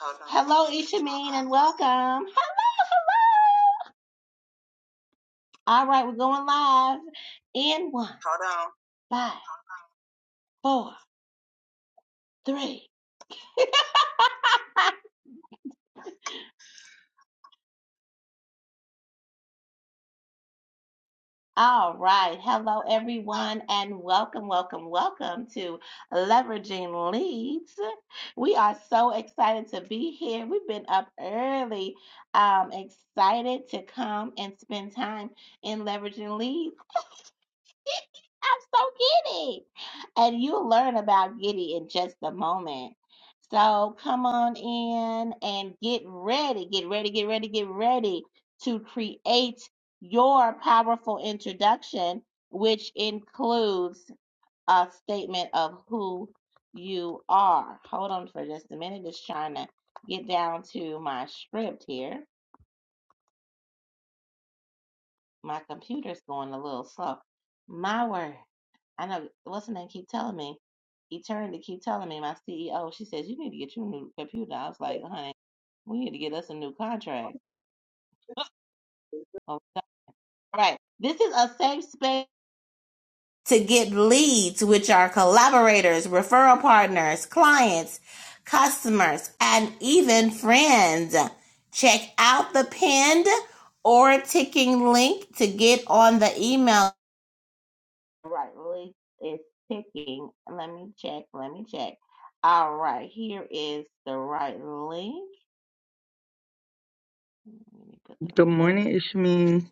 Hello, Ishameen, and welcome. Hello, hello. All right, we're going live in one, Hold on. five, four, three. All right. Hello, everyone, and welcome, welcome, welcome to Leveraging Leads. We are so excited to be here. We've been up early, um, excited to come and spend time in Leveraging Leads. I'm so giddy. And you'll learn about giddy in just a moment. So come on in and get ready, get ready, get ready, get ready to create your powerful introduction, which includes a statement of who you are. Hold on for just a minute. Just trying to get down to my script here. My computer's going a little slow. My word. I know what's her name keep telling me, Eternity keep telling me, my CEO, she says, You need to get you a new computer. I was like, honey, we need to get us a new contract. Oh, no. All right. This is a safe space to get leads, which are collaborators, referral partners, clients, customers, and even friends. Check out the pinned or ticking link to get on the email All right, Malik is picking. Let me check. Let me check. All right, here is the right link. Let me put the Good right. morning, Ishmi.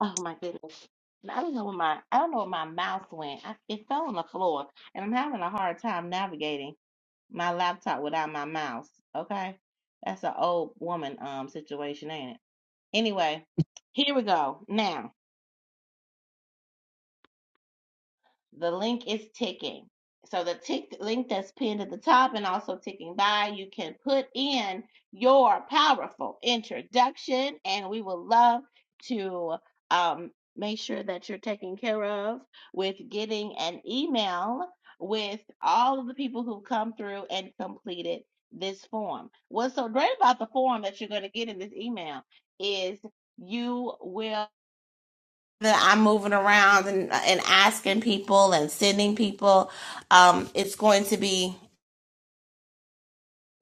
Oh my goodness. And I don't know where my I don't know where my mouse went. I, it fell on the floor, and I'm having a hard time navigating my laptop without my mouse. Okay, that's an old woman um situation, ain't it? Anyway, here we go. Now. The link is ticking. So the tick link that's pinned at the top and also ticking by, you can put in your powerful introduction, and we will love to um, make sure that you're taken care of with getting an email with all of the people who come through and completed this form. What's so great about the form that you're going to get in this email is you will that I'm moving around and and asking people and sending people, um, it's going to be.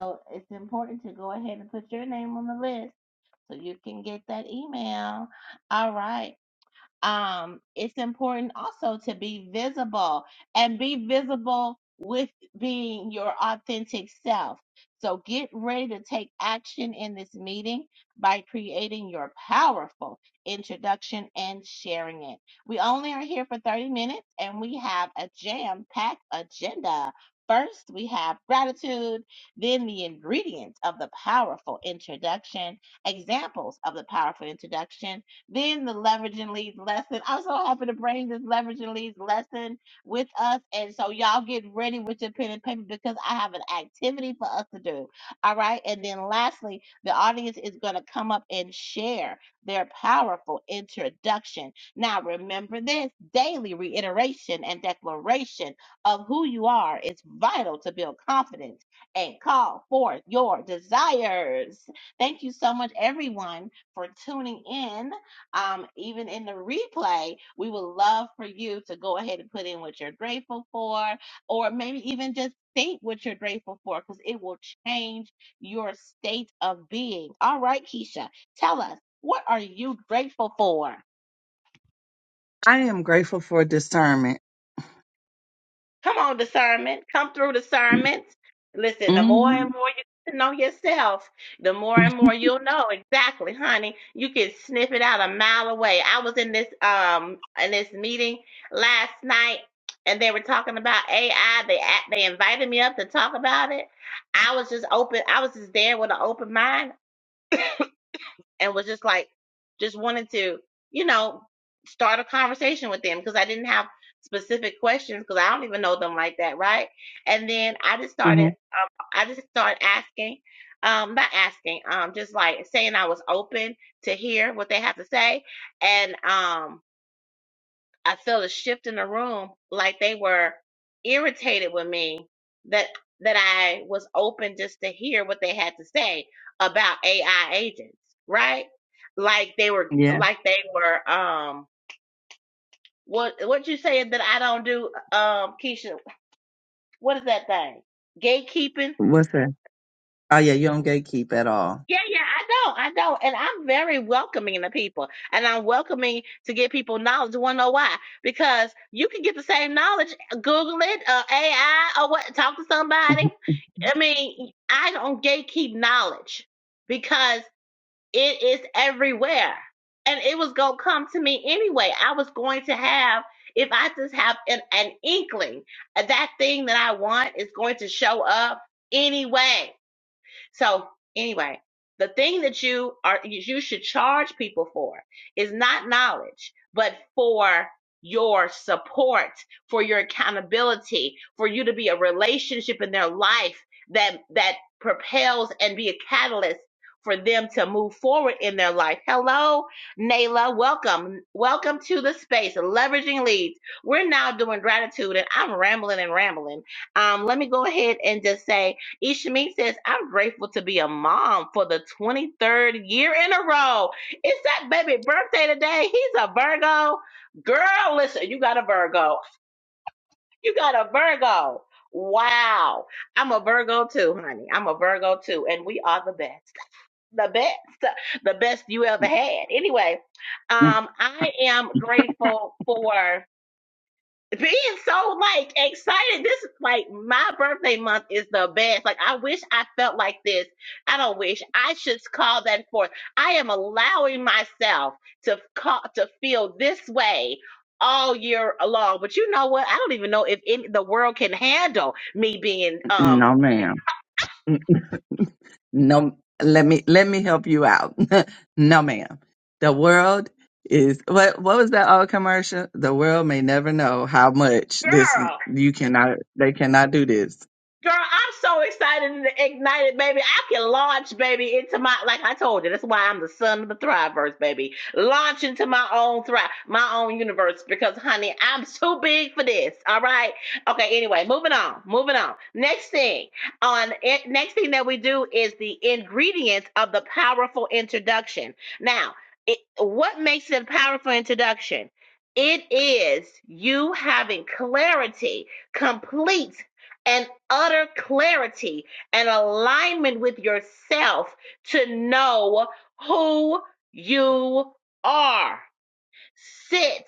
So it's important to go ahead and put your name on the list so you can get that email. All right um, it's important also to be visible and be visible with being your authentic self. So get ready to take action in this meeting by creating your powerful introduction and sharing it. We only are here for 30 minutes and we have a jam packed agenda. First, we have gratitude, then the ingredients of the powerful introduction, examples of the powerful introduction, then the leverage and leads lesson. I'm so happy to bring this leverage and leads lesson with us. And so y'all get ready with your pen and paper because I have an activity for us to do. All right. And then lastly, the audience is going to come up and share their powerful introduction. Now remember this daily reiteration and declaration of who you are is vital to build confidence and call forth your desires. Thank you so much, everyone, for tuning in um, even in the replay, we would love for you to go ahead and put in what you're grateful for, or maybe even just think what you're grateful for because it will change your state of being. All right, Keisha, tell us, what are you grateful for? I am grateful for discernment. Come on, discernment. Come through discernment. Listen, the more hmm and more you get to know yourself, the more and more you'll know exactly, honey. You can sniff it out a mile away. I was in this um in this meeting last night, and they were talking about AI. They a- they invited me up to talk about it. I was just open. I was just there with an open mind and was just like just wanted to you know start a conversation with them because i didn't have specific questions because i don't even know them like that right and then i just hmm started um, i just started asking um not asking um just like saying i was open to hear what they have to say and um I felt a shift in the room, like they were irritated with me that that I was open just to hear what they had to say about AI agents, right? Like they were, Yeah. like they were. Um, what what you saying that I don't do, um, Keisha? What is that thing? Gatekeeping What's that? Oh yeah, you don't gatekeep at all. Yeah, yeah, I know, I know. And I'm very welcoming to people. And I'm welcoming to get people knowledge. Wanna know why? Because you can get the same knowledge, Google it, uh, AI or what, talk to somebody. I mean, I don't gatekeep knowledge because it is everywhere. And it was gonna come to me anyway. I was going to have if I just have an, an inkling, uh, that thing that I want is going to show up anyway so anyway, the thing that you are you should charge people for is not knowledge, but for your support, for your accountability, for you to be a relationship in their life that that propels and be a catalyst for them to move forward in their life. Hello, Nayla. Welcome. Welcome to the space, leveraging leads. We're now doing gratitude and I'm rambling and rambling. Um, let me go ahead and just say Ishmi says, I'm grateful to be a mom for the 23rd year in a row. It's that baby birthday today. He's a Virgo. Girl, listen, you got a Virgo. You got a Virgo. Wow. I'm a Virgo too, honey. I'm a Virgo too. And we are the best. The best. The best you ever had. Anyway, Mhm. um, I am grateful for being so like excited. This is like my birthday month is the best. Like I wish I felt like this. I don't wish I should call that forth. I am allowing myself to call to feel this way all year long. But you know what? I don't even know if any, the world can handle me being um No, ma'am. No. Let me let me help you out. no, ma'am. The world is what? What was that old commercial? The world may never know how much this is- girl. you cannot. They cannot do this. Girl, I'm so excited and ignited, baby. I can launch, baby, into my like I told you. That's why I'm the son of the Thriverse, baby. Launch into my own thrive, my own universe, because honey, I'm too big for this. All right. Okay. Anyway, moving on. Moving on. Next thing on it, next thing that we do is the ingredients of the powerful introduction. Now, it, what makes it a powerful introduction? It is you having clarity, complete. and utter clarity and alignment with yourself to know who you are. Sit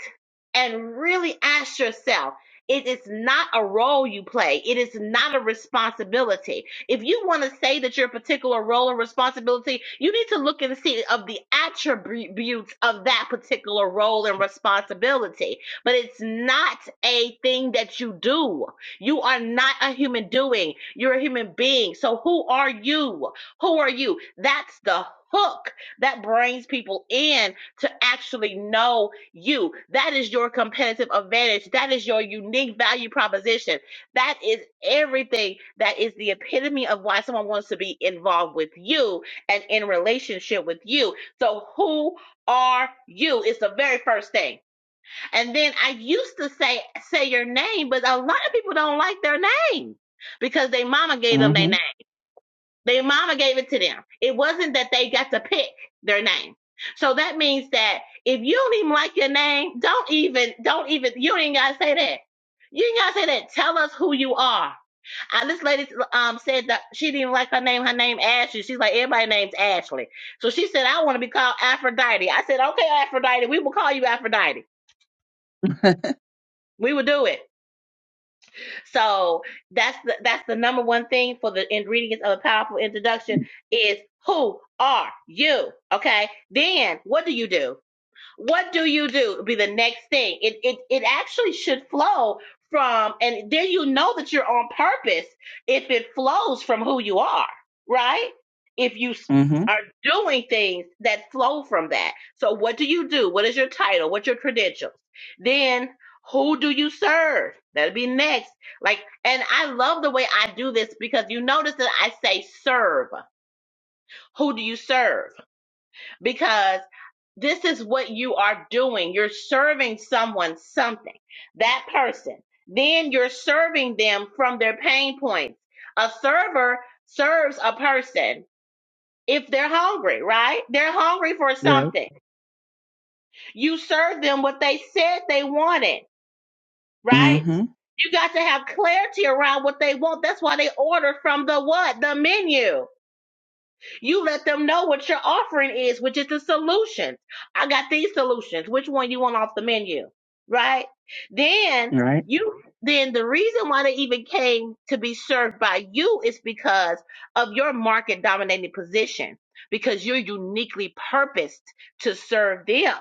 and really ask yourself. It is not a role you play. It is not a responsibility. If you want to say that your particular role or responsibility, you need to look and see of the attributes of that particular role and responsibility. But it's not a thing that you do. You are not a human doing. You're a human being. So who are you? Who are you? That's the hook that brings people in to actually know you, that is your competitive advantage. That is your unique value proposition. That is everything that is the epitome of why someone wants to be involved with you and in relationship with you. So, who are you? Is the very first thing. And then I used to say, say your name, but a lot of people don't like their name because they mama gave hmm them their name. Their mama gave it to them. It wasn't that they got to pick their name. So that means that if you don't even like your name, don't even, don't even, you ain't gotta say that. You ain't gotta say that. Tell us who you are. Uh, this lady um said that she didn't like her name. Her name Ashley. She's like everybody's name's Ashley. So she said I want to be called Aphrodite. I said okay, Aphrodite. We will call you Aphrodite. We will do it. So that's the that's the number one thing for the ingredients of a powerful introduction is who are you? Okay. Then what do you do? what do you do would be the next thing it, it it actually should flow from and then you know that you're on purpose if it flows from who you are right if you hmm s- are doing things that flow from that so what do you do what is your title what's your credentials then who do you serve that'll be next like and i love the way i do this because you notice that i say serve who do you serve because this is what you are doing. You're serving someone something, that person. Then you're serving them from their pain points. A server serves a person if they're hungry, right? They're hungry for Right. something. You serve them what they said they wanted, right? hmm You got to have clarity around what they want. That's why they order from the what? The menu You let them know what your offering is, which is the solutions. I got these solutions. Which one you want off the menu? Right? Then Right. you then the reason why they even came to be served by you is because of your market dominating position because you're uniquely purposed to serve them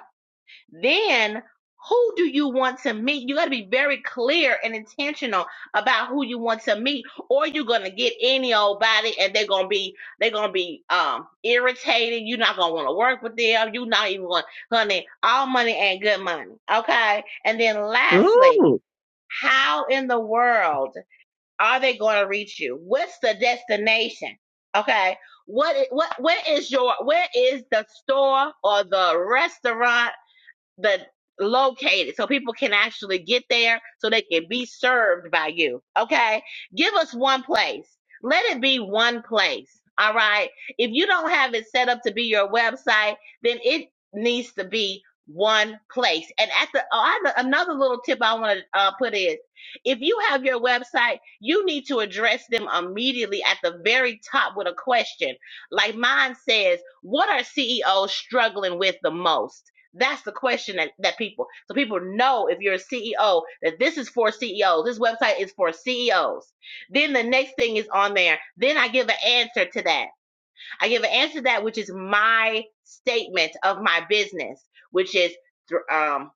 then who do you want to meet? You got to be very clear and intentional about who you want to meet, or you're gonna get any old body, and they're gonna be they're gonna be um irritated. You're not gonna want to work with them. You're not even going, honey. All money ain't good money, okay? And then lastly, Ooh. how in the world are they gonna reach you? What's the destination? Okay, what i- what where is your where is the store or the restaurant? but located so people can actually get there so they can be served by you. Okay. Give us one place. Let it be one place. All right. If you don't have it set up to be your website, then it needs to be one place. And at the oh, I- another little tip I want to uh, put is if you have your website, you need to address them immediately at the very top with a question. Like mine says, what are CEOs struggling with the most? That's the question that, that people, so people know if you're a CEO that this is for CEOs. This website is for CEOs. Then the next thing is on there. Then I give an answer to that. I give an answer to that, which is my statement of my business, which is um,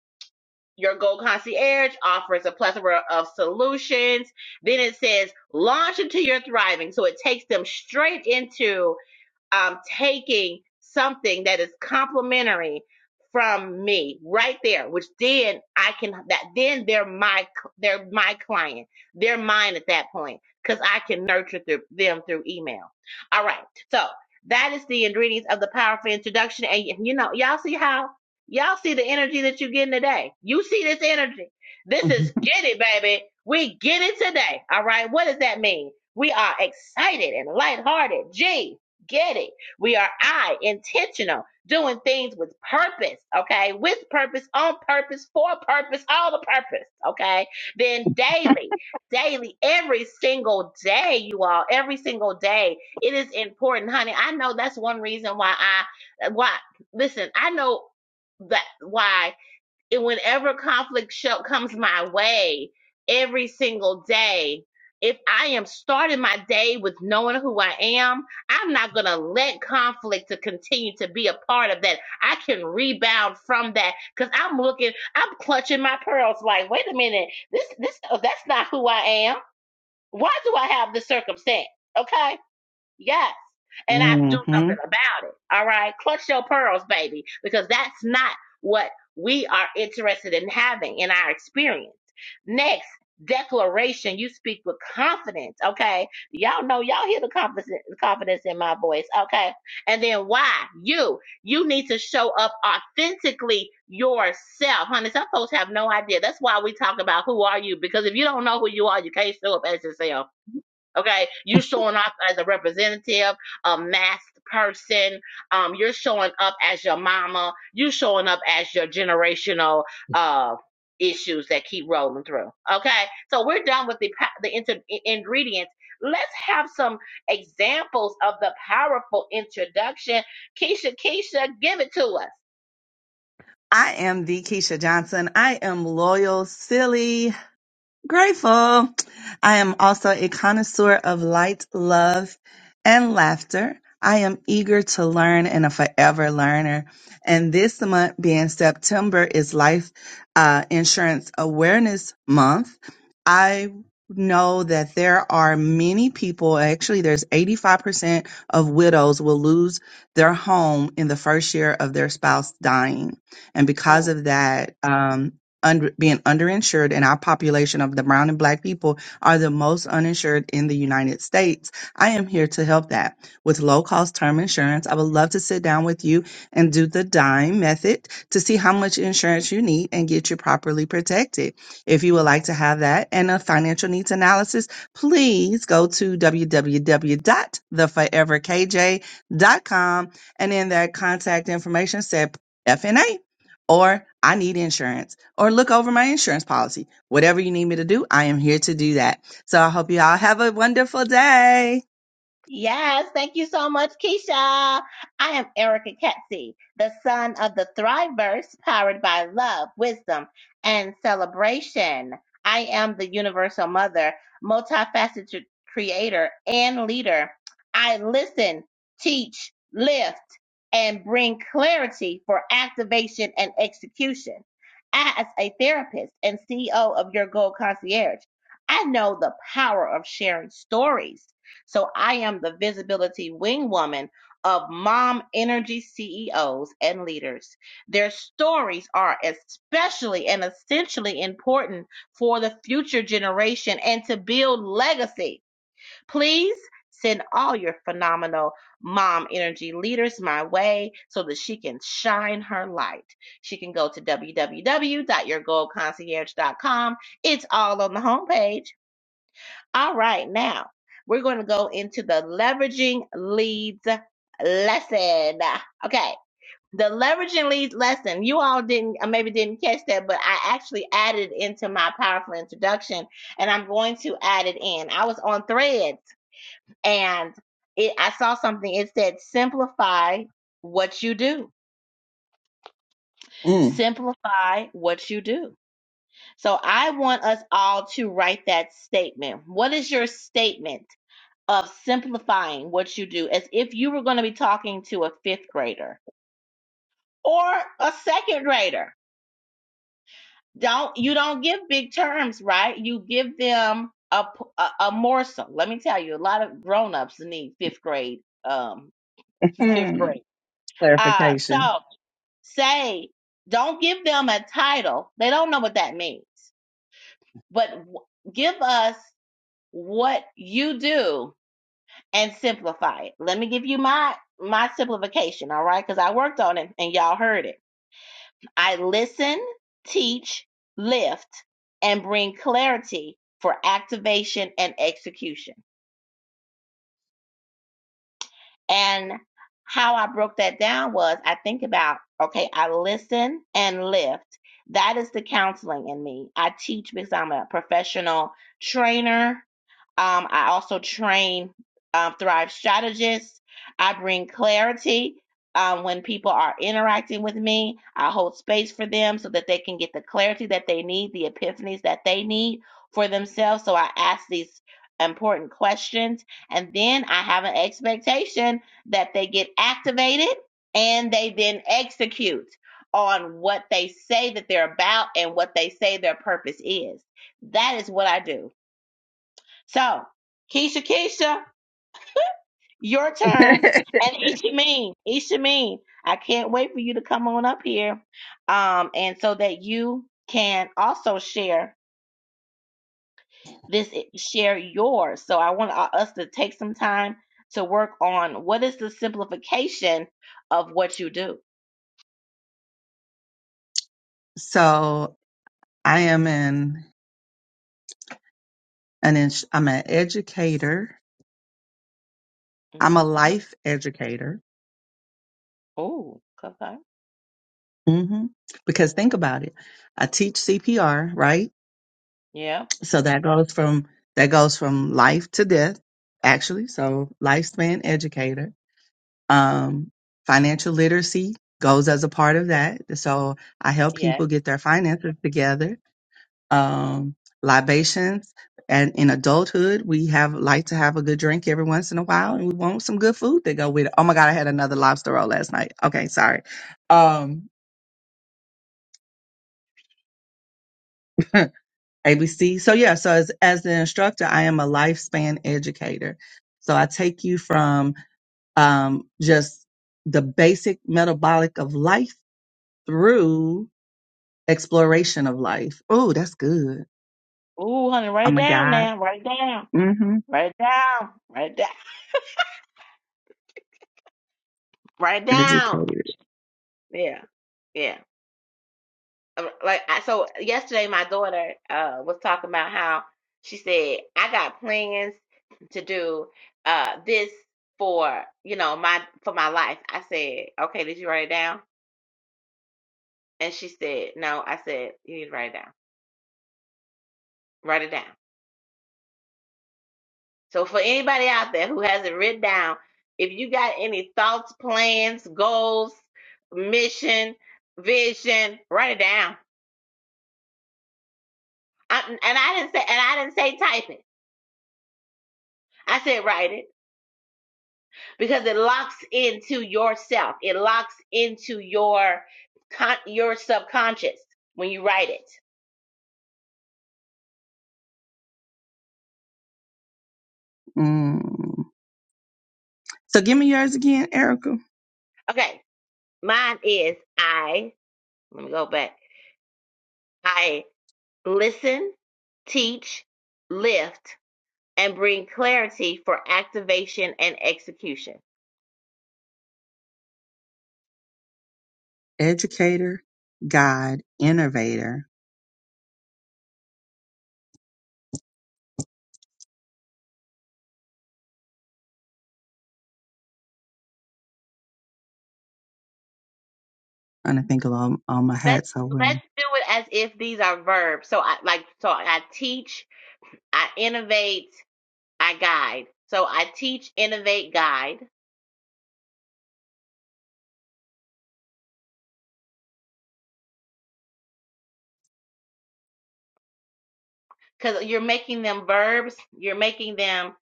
your Gold Concierge offers a plethora of solutions. Then it says launch into your thriving. So it takes them straight into um, taking something that is complimentary from me right there, which then I can that then they're my they're my client, they're mine at that point because I can nurture through them through email. All right, so that is the ingredients of the powerful introduction, and y- you know y'all see how y'all see the energy that you're getting today. You see this energy. This is get it, baby. We get it today. All right, what does that mean? We are excited and lighthearted. Gee. Get it. We are I, intentional, doing things with purpose, okay? With purpose, on purpose, for purpose, all the purpose, okay? Then daily, daily, every single day, you all, every single day, it is important, honey. I know that's one reason why I, why, listen, I know that why. And whenever conflict show, comes my way every single day, if I am starting my day with knowing who I am, I'm not going to let conflict to continue to be a part of that. I can rebound from that because I'm looking, I'm clutching my pearls like, wait a minute, this, this, oh, that's not who I am. Why do I have this circumstance? Okay Yes. And I do hmm something about it. All right. Clutch your pearls, baby, because that's not what we are interested in having in our experience. Next, declaration. You speak with confidence. Okay. Y'all know, y'all hear the confidence, confidence in my voice. Okay. And then why? You. You need to show up authentically yourself. Honey, some folks have no idea. That's why we talk about who are you, because if you don't know who you are, you can't show up as yourself Okay, you showing up as a representative, a masked person. Um, you're showing up as your mama. You showing up as your generational uh issues that keep rolling through. Okay, so we're done with the pa- the inter- i- ingredients. Let's have some examples of the powerful introduction. Keisha, Keisha, give it to us. I am the Keisha Johnson. I am loyal, silly, Grateful. I am also a connoisseur of light, love, and laughter. I am eager to learn and a forever learner. And this month, being September, is Life uh, Insurance Awareness Month. I know that there are many people, actually, there's 85% of widows will lose their home in the first year of their spouse dying. And Hmm. because of that, um, under, being underinsured, and our population of the brown and black people are the most uninsured in the United States. I am here to help that with low cost term insurance. I would love to sit down with you and do the dime method to see how much insurance you need and get you properly protected. If you would like to have that and a financial needs analysis, please go to www.theforeverkj.com and in that contact information said FNA or I need insurance, or look over my insurance policy. Whatever you need me to do, I am here to do that. So I hope you all have a wonderful day. Yes, thank you so much, Keisha. I am Erica Ketsey, the son of the Thriverse, powered by love, wisdom, and celebration. I am the universal mother, multifaceted creator, and leader. I listen, teach, lift, and bring clarity for activation and execution. As a therapist and CEO of Your Goal Concierge, I know the power of sharing stories so I am the visibility wing woman of mom energy CEOs and leaders. Their stories are especially and essentially important for the future generation and to build legacy. Please send all your phenomenal mom energy leaders my way so that she can shine her light. She can go to www.yourgoldconcierge.com. It's all on the homepage all right, now we're going to go into the leveraging leads lesson. Okay, the leveraging leads lesson. You all didn't, uh, maybe didn't catch that, but I actually added into my powerful introduction, and I'm going to add it in. I was on Threads, and it, I saw something. It said, "Simplify what you do. Mm. Simplify what you do." So I want us all to write that statement. What is your statement? of simplifying what you do as if you were going to be talking to a fifth grader or a second grader. Don't you don't give big terms, right? You give them a a a morsel. Let me tell you, a lot of grown-ups need fifth grade um fifth grade. Uh so Clarification. say don't give them a title. They don't know what that means. But w- give us what you do and simplify it. Let me give you my my simplification, all right? Cuz I worked on it and y'all heard it. I listen, teach, lift and bring clarity for activation and execution. And how I broke that down was I think about, okay, I listen and lift. That is the counseling in me. I teach because I'm a professional trainer. Um, I also train um, Thrive strategists. I bring clarity um, when people are interacting with me. I hold space for them so that they can get the clarity that they need, the epiphanies that they need for themselves. So I ask these important questions. And then I have an expectation that they get activated and they then execute on what they say that they're about and what they say their purpose is. That is what I do. So, Keisha, Keisha, your turn. And Ishameen, Ishameen, I can't wait for you to come on up here, um, and so that you can also share this, share yours. So I want uh, us to take some time to work on what is the simplification of what you do. So I am an an ins- I'm an educator. I'm a Mm-hmm. life educator. Ooh, okay. hmm Because think about it, I teach CPR, right? Yeah, So that goes from that goes from life to death, actually. So lifespan educator Um, financial literacy goes as a part of that. So I help yeah. people get their finances together. Um, libations and in adulthood, we have like to have a good drink every once in a while and we want some good food to go with it. Oh my God, I had another lobster roll last night. Okay. Sorry. Um, ABC. So yeah, so as, as the instructor, I am a lifespan educator. So I take you from, um, just the basic metabolic of life through exploration of life. Oh, that's good. Ooh, honey, write I'm it a down guide. now. Write it down. Mm-hmm. Write it down. Write it down. Write it down. Educated. Yeah. yeah. uh, like I, so yesterday my daughter uh was talking about how she said I got plans to do uh this for you know my for my life. I said, "Okay, did you write it down?" And she said, "No." I said, "You need to write it down. Write it down." So for anybody out there who hasn't written down, if you got any thoughts, plans, goals, mission, vision, write it down. I, and I didn't say and I didn't say type it. I said write it. because it locks into yourself. It locks into your con- your subconscious when you write it. Mm. So give me yours again, Erica. Okay, mine is I. Let me go back. I listen, teach, lift, and bring clarity for activation and execution. Educator, guide, innovator. I'm gonna think of all, all my Let's hats I wear. let's do it as if these are verbs. So I like so I teach, I innovate, I guide. So I teach, innovate, guide. because you're making them verbs, you're making them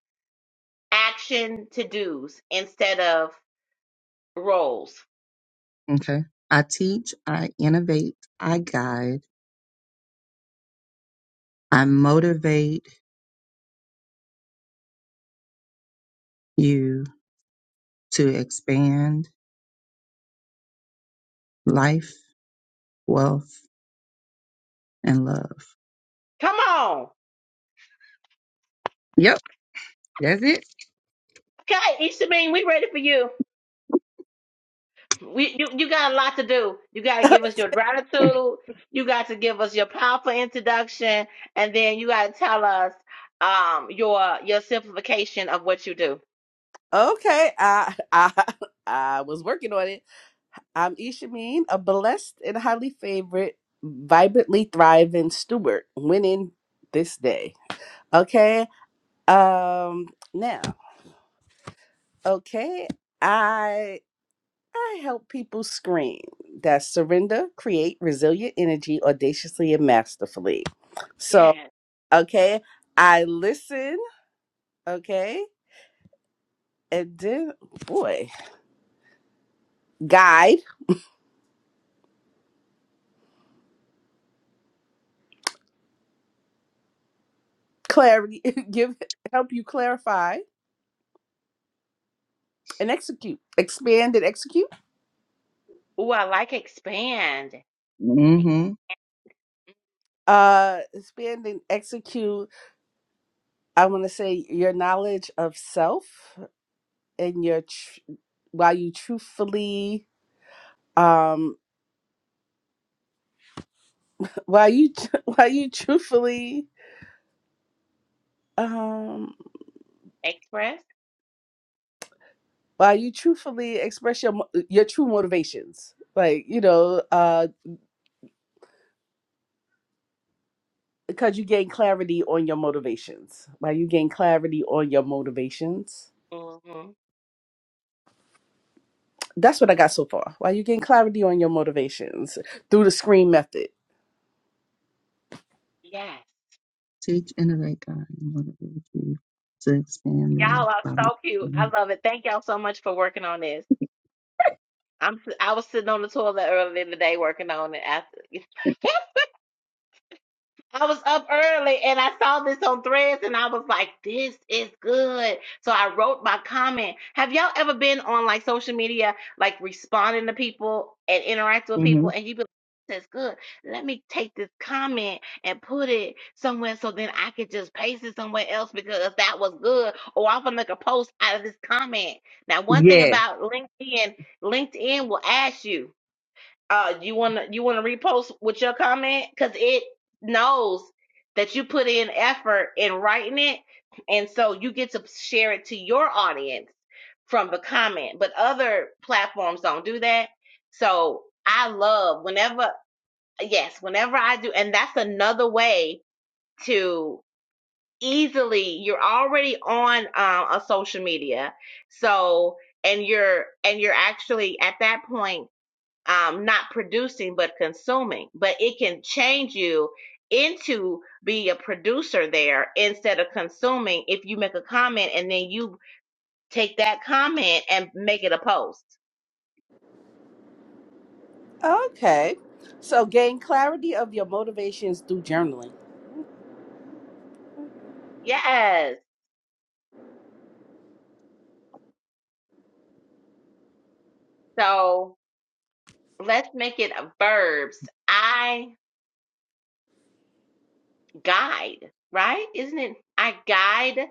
action to do's instead of roles. Okay. I teach, I innovate, I guide, I motivate you to expand life, wealth, and love. Come on. Yep, that's it. Okay, Ishameen, we ready for you. We you, you got a lot to do. You gotta give us your Mm. gratitude, you got to give us your powerful introduction, and then you gotta tell us um your your simplification of what you do. Okay, I I I was working on it. I'm Ishameen, a blessed and highly favored, vibrantly thriving steward, winning this day. Okay. Um now, okay, I I help people scream that surrender, create resilient energy audaciously and masterfully. So, Yes. okay, I listen, okay, and then boy, guide. clarity give help you clarify and execute expand and execute Ooh, I like expand. Mm-hmm. uh expand and execute i want to say your knowledge of self and your tr- while you truthfully um while you while you truthfully um Express? while you truthfully express your mo- your true motivations like you know uh because you gain clarity on your motivations while you gain clarity on your motivations hmm That's what I got so far. While you gain clarity on your motivations through the screen method. Yes. Teach, innovate, God, and motivate you to expand love Y'all are by so cute. love. I love it. Thank y'all so much for working on this. I'm si- I was sitting on the toilet earlier in the day working on it after I was up early and I saw this on threads and I was like, this is good. So I wrote my comment. Have y'all ever been on like social media, like responding to people and interacting with hmm people and you be like, this is good. Let me take this comment and put it somewhere so then I could just paste it somewhere else because that was good. Or I'm gonna make a post out of this comment. Now, one thing Yes. about LinkedIn, LinkedIn will ask you. Uh, you wanna you wanna repost with your comment because it knows that you put in effort in writing it, and so you get to share it to your audience from the comment. But other platforms don't do that. So I love whenever yes, whenever I do, and that's another way to easily you're already on um, a social media, so and you're and you're actually at that point um, not producing but consuming. But it can change you into be a producer there instead of consuming if you make a comment and then you take that comment and make it a post. Okay. So gain clarity of your motivations through journaling. Yes. So let's make it a verbs. I guide, right? Isn't it? I guide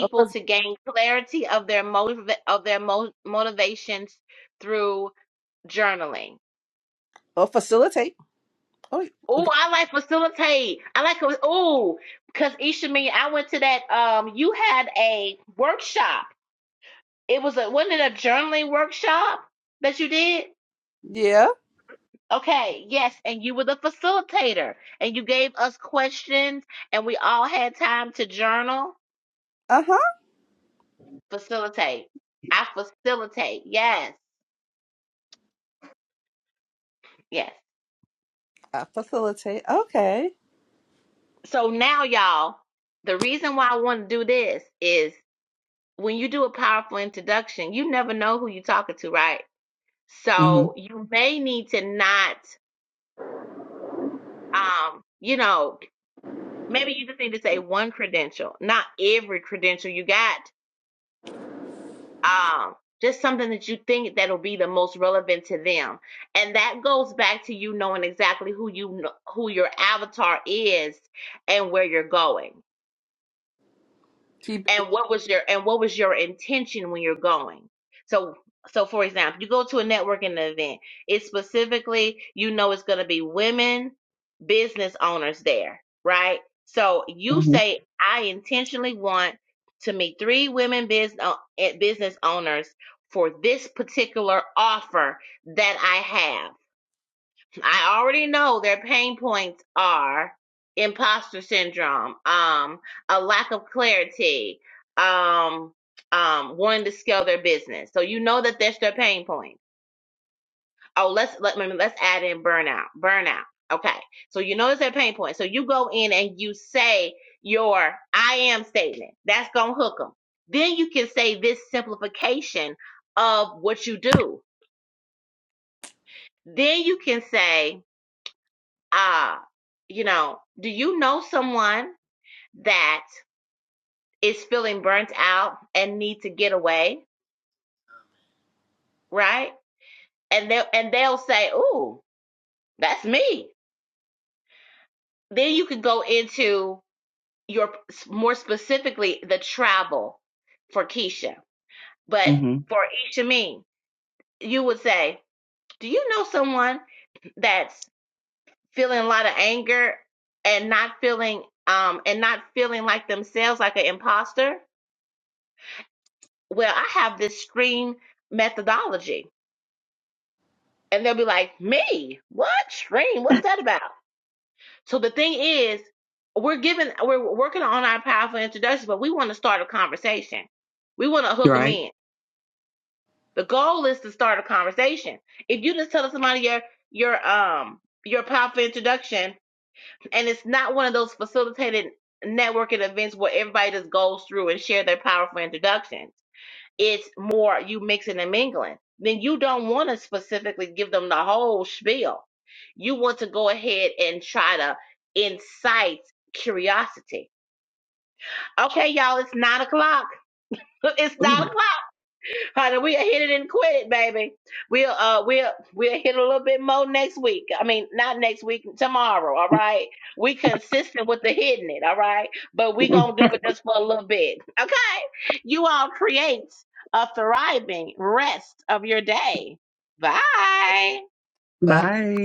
Or, fa- to gain clarity of their motive of their mo- motivations through journaling or facilitate. Oh Oh, I like facilitate. I like oh, because Isha me, I went to that. Um, you had a workshop. It was a wasn't it a journaling workshop that you did? yeah. Okay, yes, and you were the facilitator, and you gave us questions, and we all had time to journal, Uh-huh. facilitate. I facilitate. Yes, yes. I facilitate. Okay. So now, y'all, the reason why I want to do this is when you do a powerful introduction, you never know who you're talking to, right? hmm So you may need to not, um, you know, maybe you just need to say one credential, not every credential you got. Um, just something that you think that'll be the most relevant to them, and that goes back to you knowing exactly who you kn- who your avatar is and where you're going. Keep and what was your and what was your intention when you're going so so for example you go to a networking event it's specifically you know it's going to be women business owners there right so you hmm say i intentionally want to meet three women business business owners for this particular offer that i have I already know their pain points are imposter syndrome, um, a lack of clarity, um, um, wanting to scale their business. So you know that that's their pain point. Oh, let's let me let's add in burnout. Burnout. Okay. So you know it's their pain point. So you go in and you say your I am statement. That's gonna hook them. Then you can say this simplification of what you do. Then you can say uh, you know, do you know someone that is feeling burnt out and need to get away, right? And they will and they'll say, "Ooh, that's me." Then you could go into your more specifically the travel for Keisha, but hmm for Isha you would say, "Do you know someone that's feeling a lot of anger and not feeling um and not feeling like themselves, like an imposter?" well, I have this stream methodology. And they'll be like, me? What stream? What's that about? So the thing is, we're giving, we're working on our powerful introduction, but we want to start a conversation. We want to You're hook them right. in. The goal is to start a conversation. If you just tell somebody your, your, um, your powerful introduction, and it's not one of those facilitated networking events where everybody just goes through and share their powerful introduction it's more you mixing and mingling. Then you don't want to specifically give them the whole spiel. You want to go ahead and try to incite curiosity. Okay, y'all, it's nine o'clock. It's Ooh. nine o'clock. Honey, we'll hit it and quit it, baby. We'll uh we'll we'll hit a little bit more next week. I mean, not next week, tomorrow, all right? We consistent with the hitting it, all right? But we gonna do it just for a little bit. Okay. You all create a thriving rest of your day. Bye. it. Bye.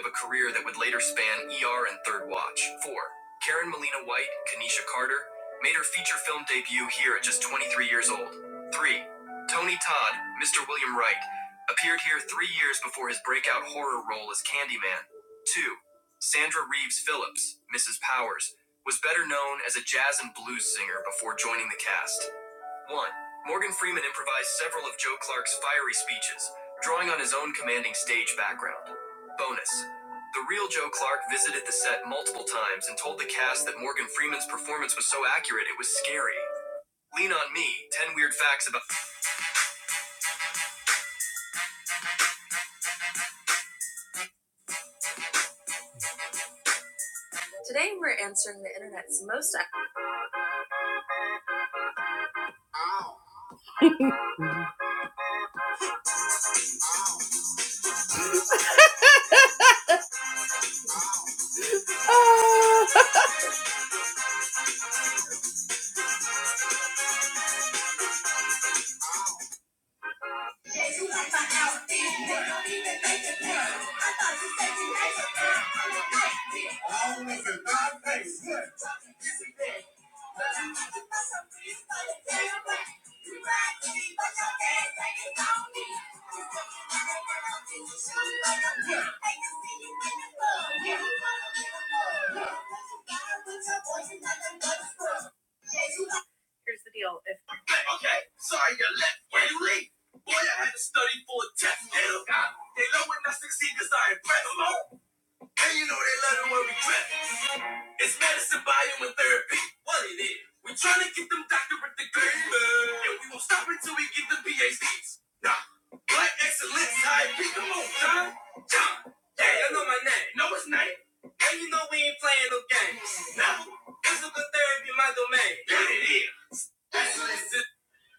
of a career that would later span ER and Third Watch. 4. Karen Molina White, Kanisha Carter, made her feature film debut here at just 23 years old. 3. Tony Todd, Mr. William Wright, appeared here three years before his breakout horror role as Candyman. 2. Sandra Reeves Phillips, Mrs. Powers, was better known as a jazz and blues singer before joining the cast. 1. Morgan Freeman improvised several of Joe Clark's fiery speeches, drawing on his own commanding stage background. Bonus. The real Joe Clark visited the set multiple times and told the cast that Morgan Freeman's performance was so accurate it was scary. Lean on me, 10 weird facts about.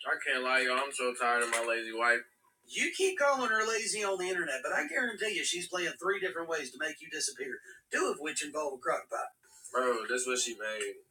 I can't lie, y'all. I'm so tired of my lazy wife. Bro, this what she made.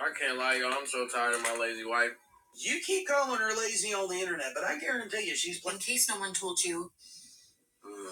I can't lie, y'all. I'm so tired of my lazy wife. Ugh.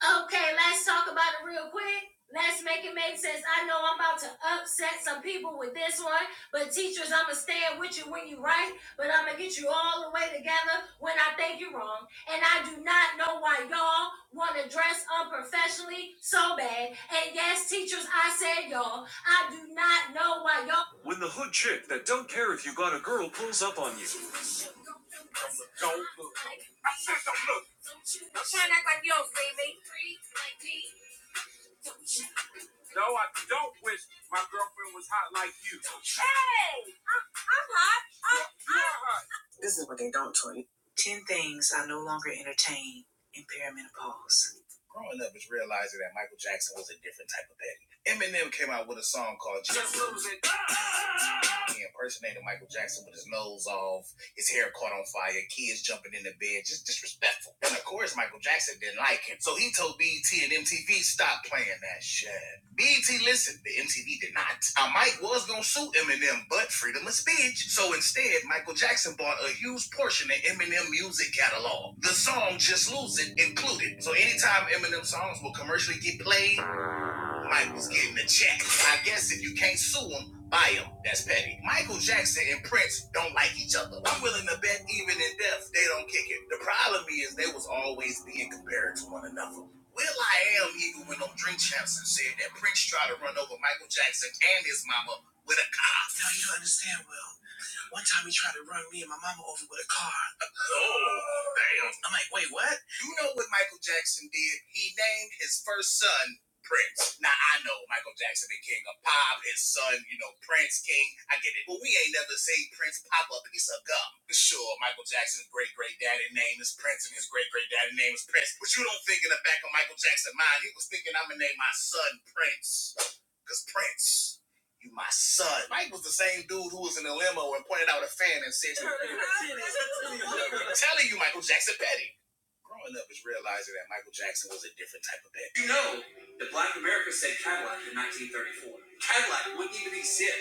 Okay, let's talk about it real quick. Let's make it make sense. I know I'm about to upset some people with this one, but teachers, I'ma stand with you when you are right, but I'ma get you all the way together when I think you're wrong. And I do not know why y'all wanna dress unprofessionally so bad. And yes, teachers, I said y'all. I do not know why y'all When the hood chick that don't care if you got a girl pulls up on you.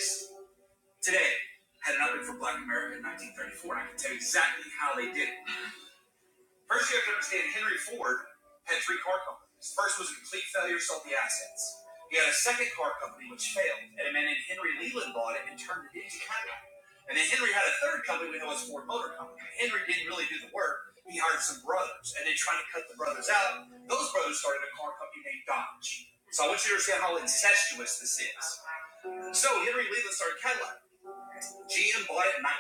Today, had an opening for black America in 1934, and I can tell you exactly how they did it. First, you have to understand Henry Ford had three car companies. First was a complete failure, sold the assets. He had a second car company which failed, and a man named Henry Leland bought it and turned it into Cadillac. And then Henry had a third company we know as Ford Motor Company. Henry didn't really do the work. He hired some brothers, and they tried to cut the brothers out. Those brothers started a car company named Dodge. So I want you to understand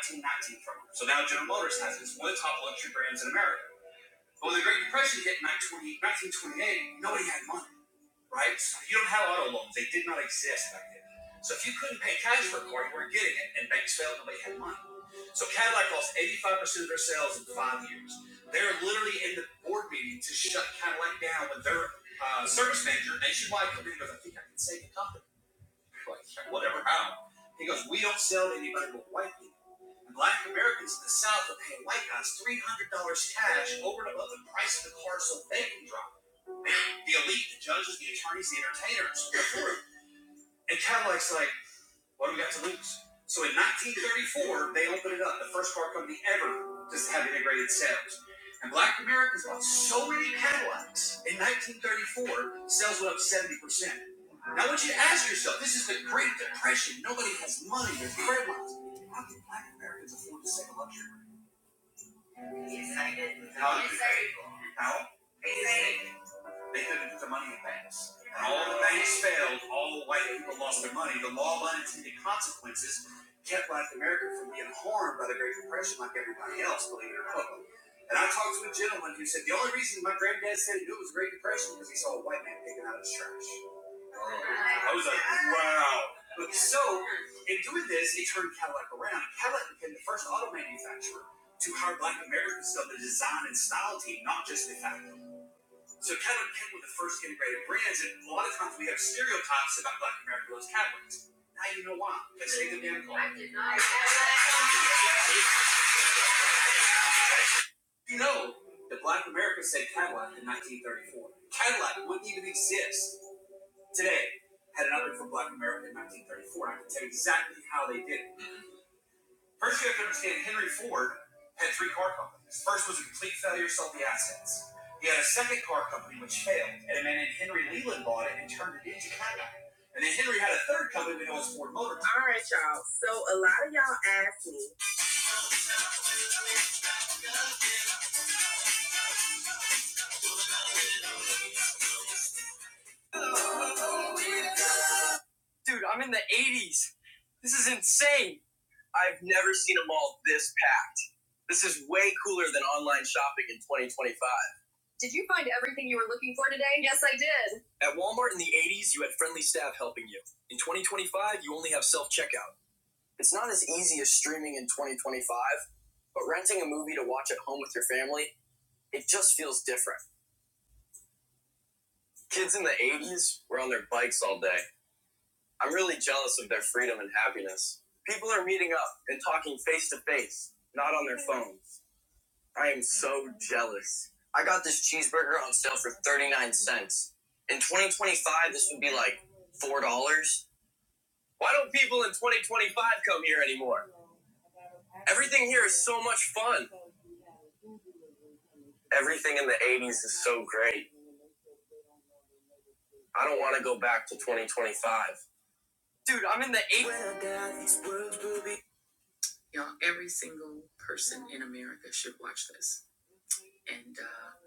1919 from them. So now, so, so to I was like, wow. But So, a lot of times we have to say, dude, I'm in the 80s. This is insane. I've never seen a mall this packed. This is way cooler than online shopping in 2025. At Walmart in the 80s, you had friendly staff helping you. In 2025, you only have self checkout. It's not as easy as streaming in 2025, but renting a movie to watch at home with your family, it just feels different. Kids in the 80s were on their bikes all day. I'm really jealous of their freedom and happiness. People are meeting up and talking face to face, not on their phones. I am so jealous. I got this cheeseburger on sale for 39 cents. In 2025, this would be like $4. Why don't people in 2025 come here anymore? Everything here is so much fun. Everything in the 80s is so great. I don't want to go back to 2025. Dude, I'm in the 80s.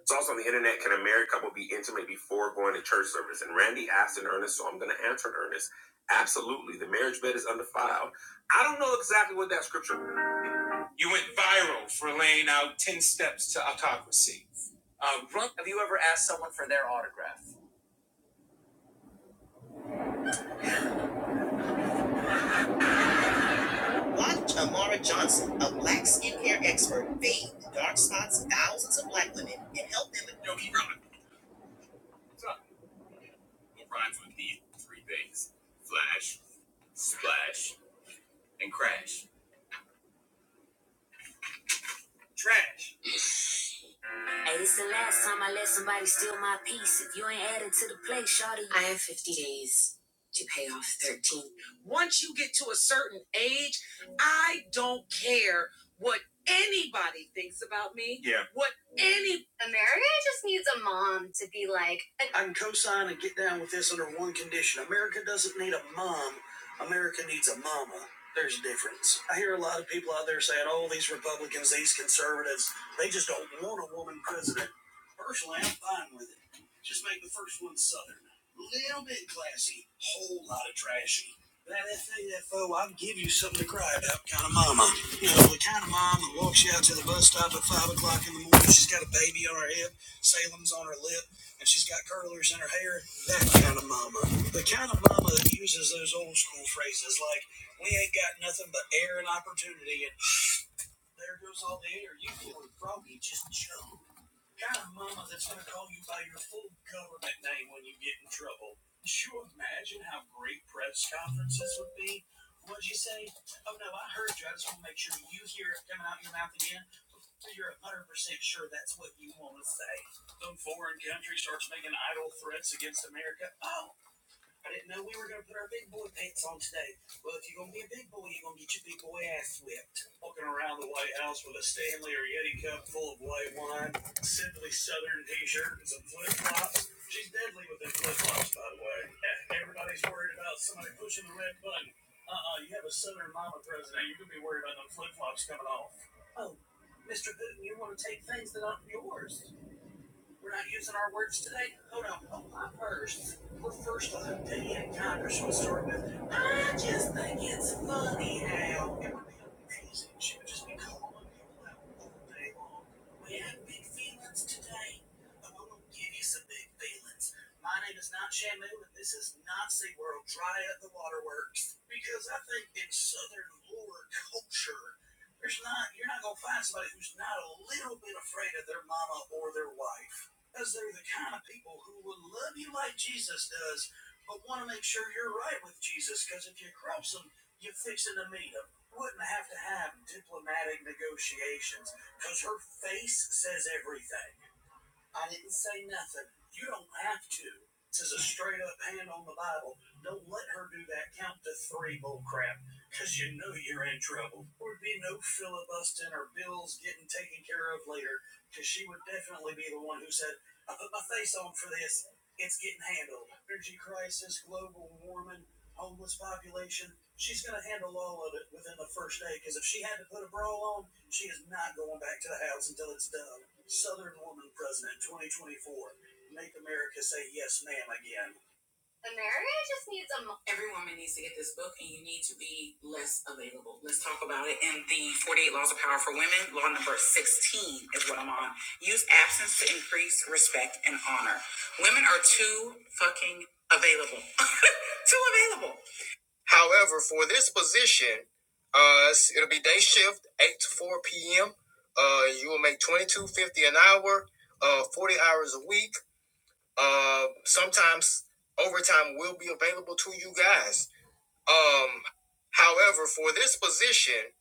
It's also on the internet. Can a married couple be intimate before going to church service? And Randy asked in earnest, so I'm going to answer in earnest. Absolutely. The marriage bed is undefiled. I don't know exactly what that scripture. was. Hey, it's the last time I let somebody steal my peace. If you ain't added to the plate, shawty. Yeah. However, for this position, uh, it'll be day shift, 8 to 4 p.m. Uh, you will make 22.50 an hour, uh, 40 hours a week. Uh, sometimes overtime will be available to you guys. Um, However, for this position,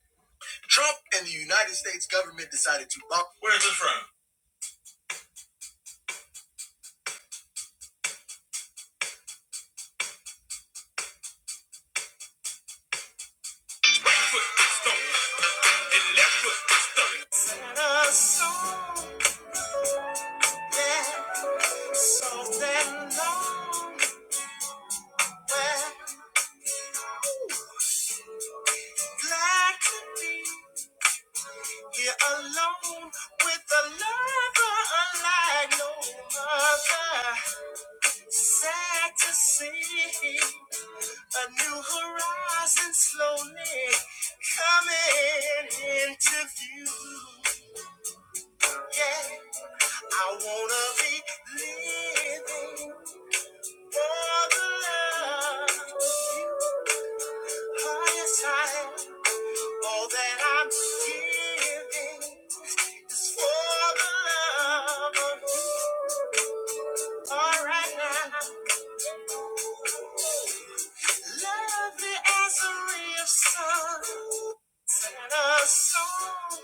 all that I'm giving is for the love of you. All right now, love the answer of sun and a song.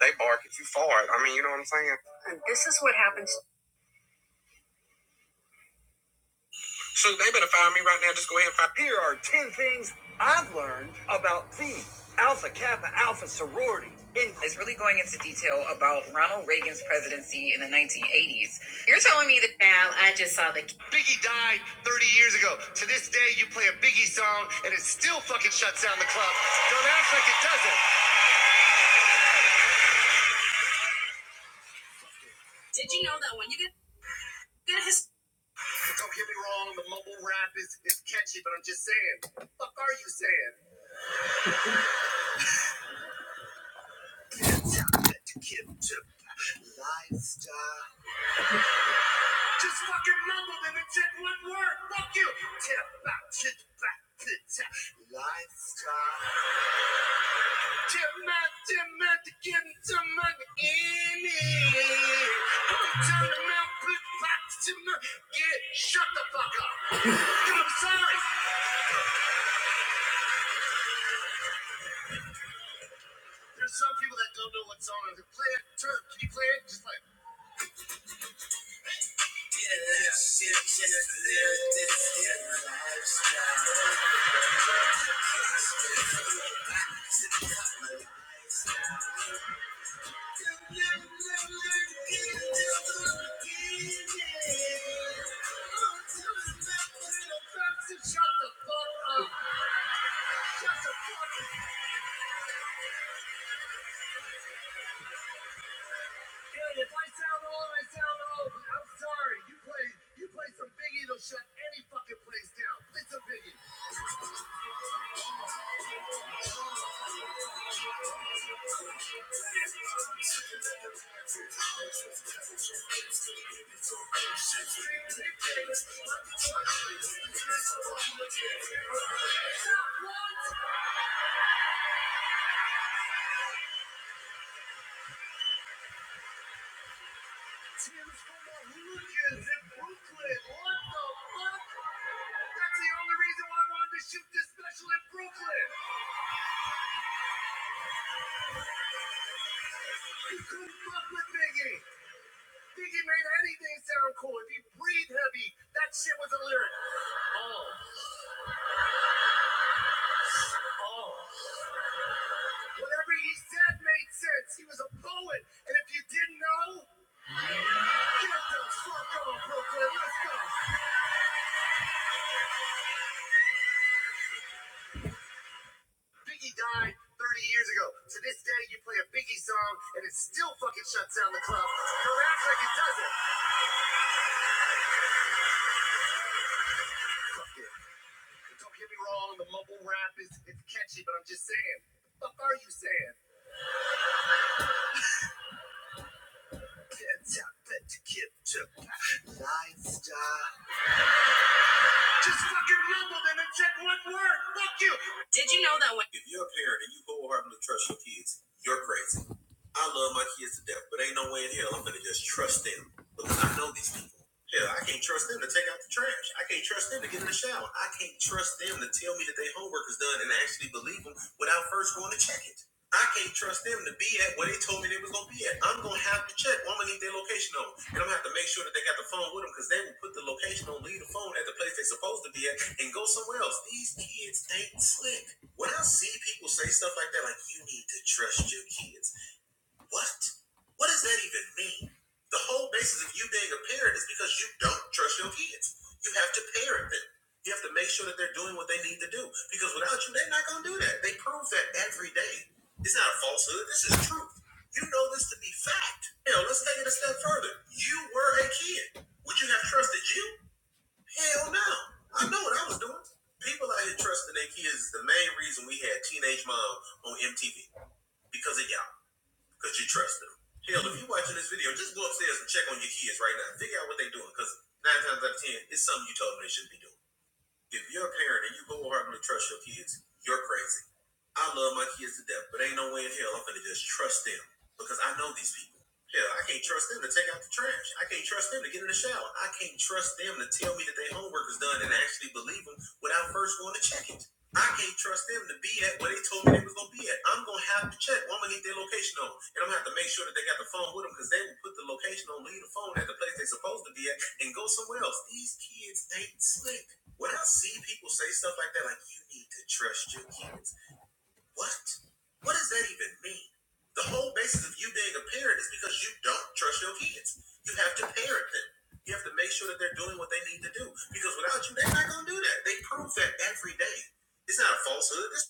They bark if you fart. I mean, you know what I'm saying? Shoot, they better find me right now. Just go ahead and find. Here are ten things I.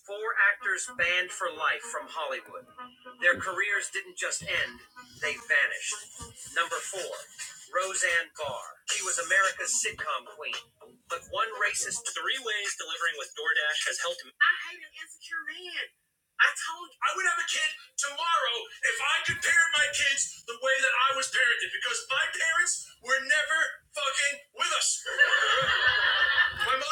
Four actors banned for life from Hollywood. Their careers didn't just end, they vanished. Number four, Roseanne Barr. She was America's sitcom queen. But one racist. Three ways delivering with DoorDash has helped. him... I hate an insecure man. I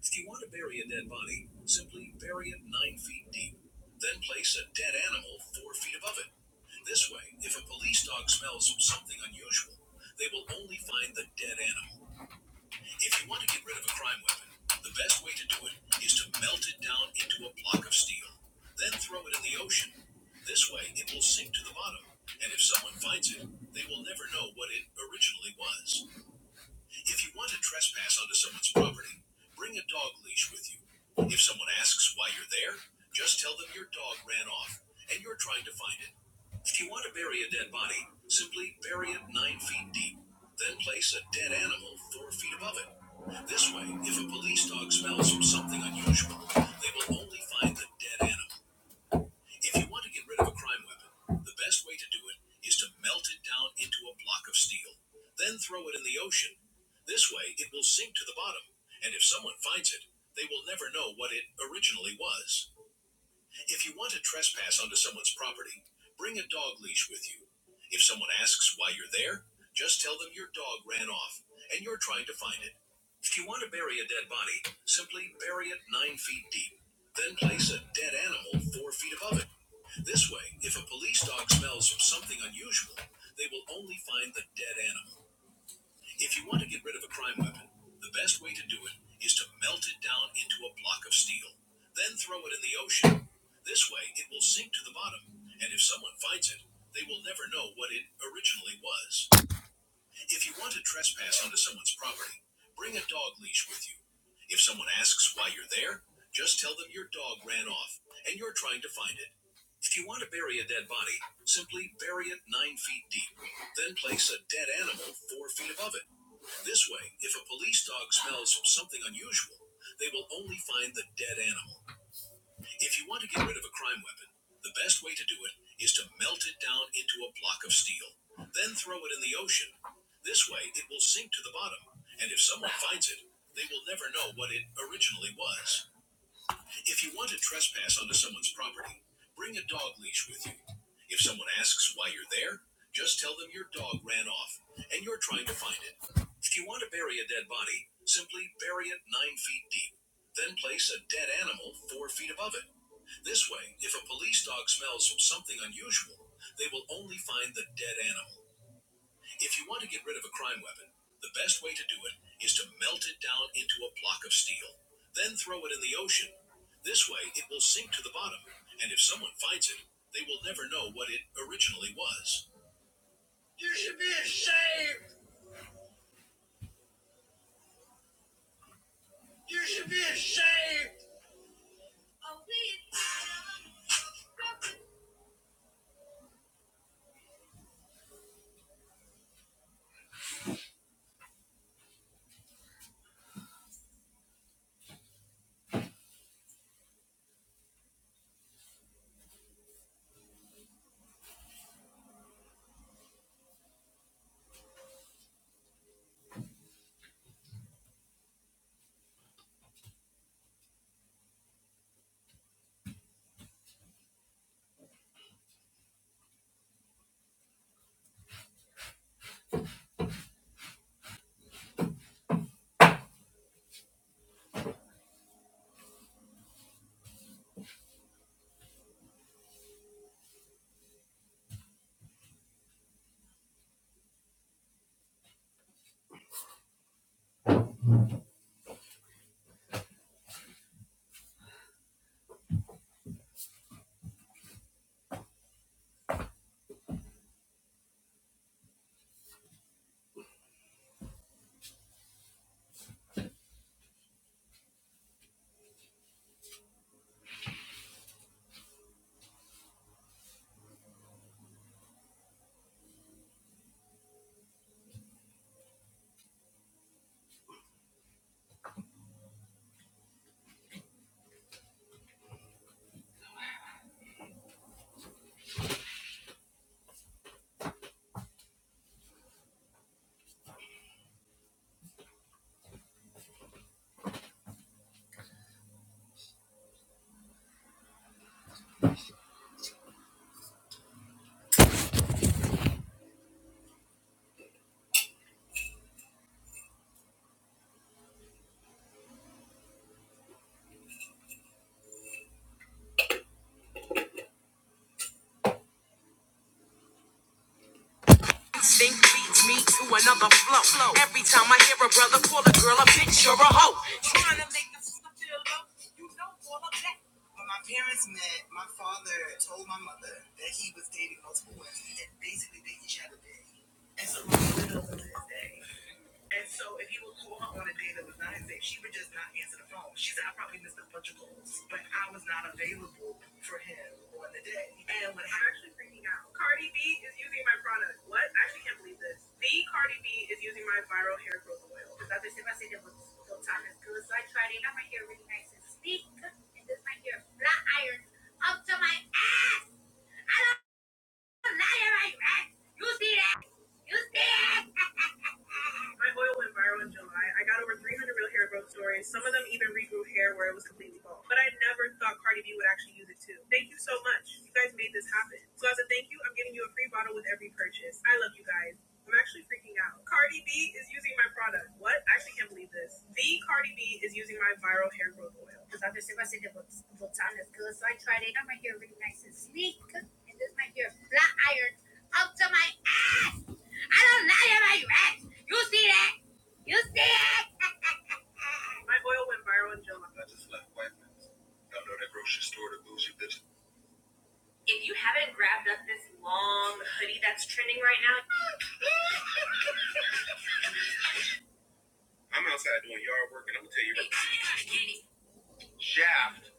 If you want to bury a dead body, simply bury it nine feet deep. Then place a dead animal four feet above it. This way.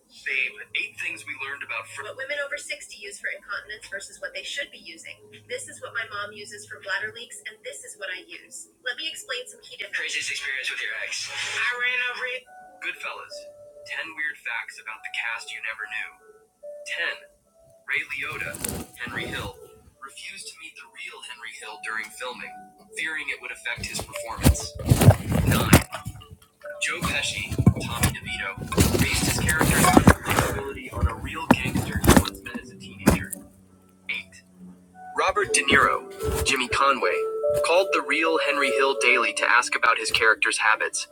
Favorite theme: eight. This experience with your ex. Goodfellas. 10 weird facts about the cast you never knew. 10. Ray Liotta, Henry Hill, refused to meet the real Henry Hill during filming, fearing it would affect his performance. 9. Joe Pesci, Tommy DeVito, based his character's believability on a real gangster he once met as a teenager. 8. Robert De Niro, Jimmy Conway, called the real Henry Hill daily to ask about his character's habits,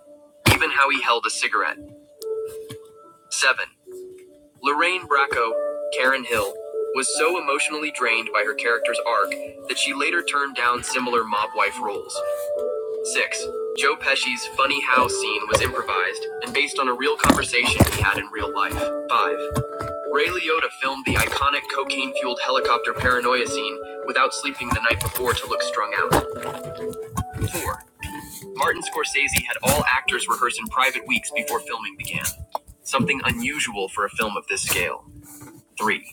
even how he held a cigarette. 7. Lorraine Bracco, Karen Hill, was so emotionally drained by her character's arc that she later turned down similar mob wife roles. 6. Joe Pesci's funny how scene was improvised and based on a real conversation he had in real life. 5. Ray Liotta filmed the iconic cocaine fueled helicopter paranoia scene without sleeping the night before to look strung out. 4. Martin Scorsese had all actors rehearse in private weeks before filming began. Something unusual for a film of this scale. 3.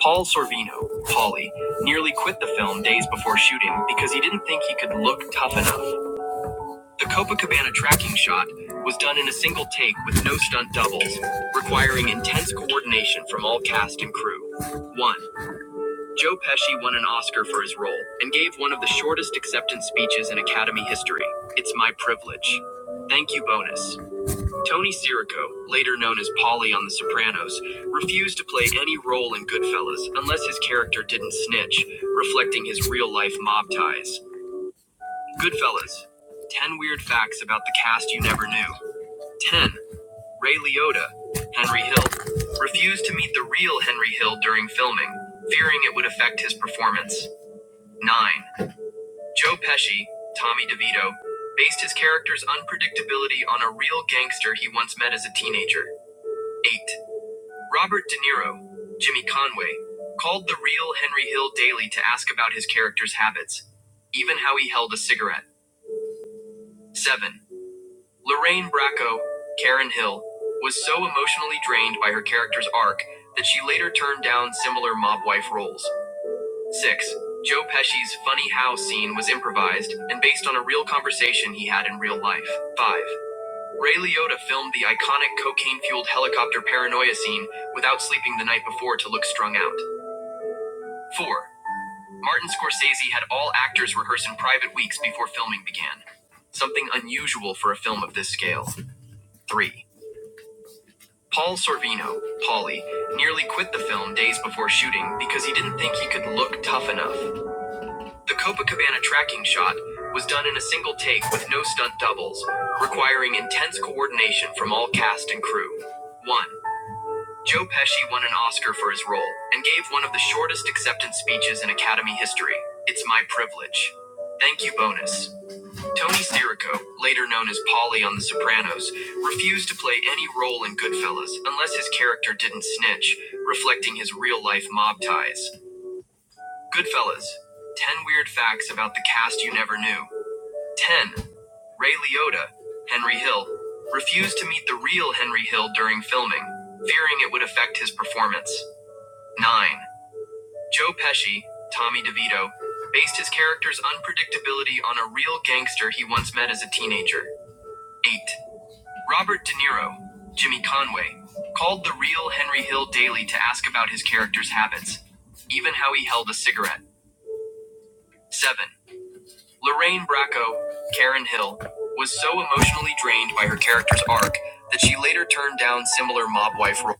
Paul Sorvino, Paulie, nearly quit the film days before shooting because he didn't think he could look tough enough. The Copacabana tracking shot was done in a single take with no stunt doubles, requiring intense coordination from all cast and crew. 1. Joe Pesci won an Oscar for his role and gave one of the shortest acceptance speeches in Academy history. It's my privilege. Thank you, bonus. Tony Sirico, later known as Paulie on The Sopranos, refused to play any role in Goodfellas unless his character didn't snitch, reflecting his real life mob ties. Goodfellas 10 weird facts about the cast you never knew. 10. Ray Liotta, Henry Hill, refused to meet the real Henry Hill during filming, fearing it would affect his performance. 9. Joe Pesci, Tommy DeVito, based his character's unpredictability on a real gangster he once met as a teenager. 8. Robert De Niro, Jimmy Conway, called the real Henry Hill daily to ask about his character's habits, even how he held a cigarette. 7. Lorraine Bracco, Karen Hill, was so emotionally drained by her character's arc that she later turned down similar mob wife roles. 6. Joe Pesci's funny how scene was improvised and based on a real conversation he had in real life. 5. Ray Liotta filmed the iconic cocaine fueled helicopter paranoia scene without sleeping the night before to look strung out. 4. Martin Scorsese had all actors rehearse in private weeks before filming began. Something unusual for a film of this scale. 3. Paul Sorvino, Paulie, nearly quit the film days before shooting because he didn't think he could look tough enough. The Copacabana tracking shot was done in a single take with no stunt doubles, requiring intense coordination from all cast and crew. 1. Joe Pesci won an Oscar for his role and gave one of the shortest acceptance speeches in Academy history. It's my privilege. Thank you, bonus. Tony Sirico, later known as Polly on The Sopranos, refused to play any role in Goodfellas unless his character didn't snitch, reflecting his real life mob ties. Goodfellas 10 weird facts about the cast you never knew. 10. Ray Liotta, Henry Hill, refused to meet the real Henry Hill during filming, fearing it would affect his performance. 9. Joe Pesci, Tommy DeVito, based his character's unpredictability on a real gangster he once met as a teenager. 8. Robert De Niro, Jimmy Conway, called the real Henry Hill daily to ask about his character's habits, even how he held a cigarette. 7. Lorraine Bracco, Karen Hill, was so emotionally drained by her character's arc that she later turned down similar mob wife roles.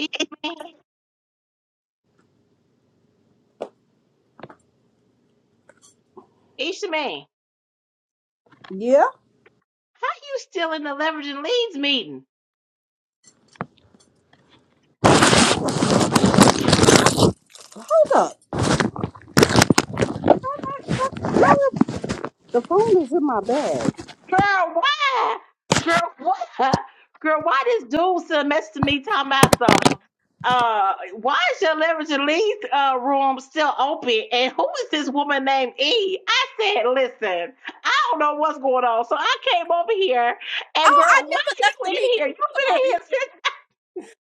Ishmael, Ishmael, Yeah, how you still in the leveraging leads meeting? hold up. The phone is in my bag. Girl, why? Girl, what? Girl, why this dude still to me talking about something? uh, why is your leverage lead uh, room still open? And who is this woman named E? I said, listen, I don't know what's going on. So I came over here and Oh, I girl, why never left the are you in meeting. here? You've been in Sorry. here since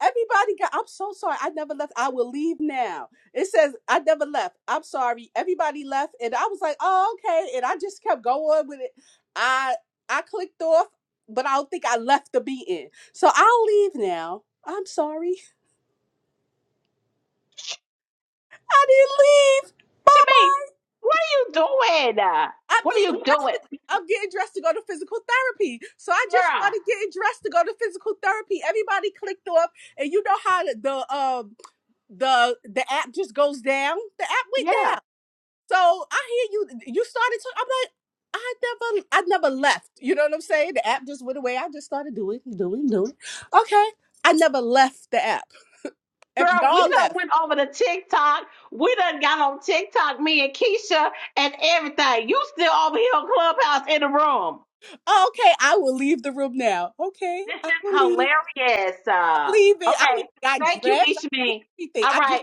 Everybody got. I'm so sorry. I never left. I will leave now. It says I never left. I'm sorry. Everybody left, and I was like, oh okay, and I just kept going with it. I I clicked off, but I don't think I left the meeting. So I'll leave now. I'm sorry. I didn't leave. Bye to me. bye. What are you doing? I'm What are getting you dressed. To, doing? I'm getting dressed to go to physical therapy. So I just Girl. started getting dressed to go to physical therapy. Everybody clicked off, and you know how the the, um the the app just goes down. The app went down. Yeah. So I hear you. You started to. I'm like, I never, I never left. You know what I'm saying? The app just went away. I just started doing, doing, doing. Okay, I never left the app. If Girl, we y'all done left, went over to TikTok. We done got on TikTok, me and Keisha, and everything. You still over here on Clubhouse in the room. oh, okay, I will leave the room now. Okay, This I will leave. is hilarious. I am Uh, leaving. I okay. went, got Thank you, dressed. I did Ishmeen. everything. All I right.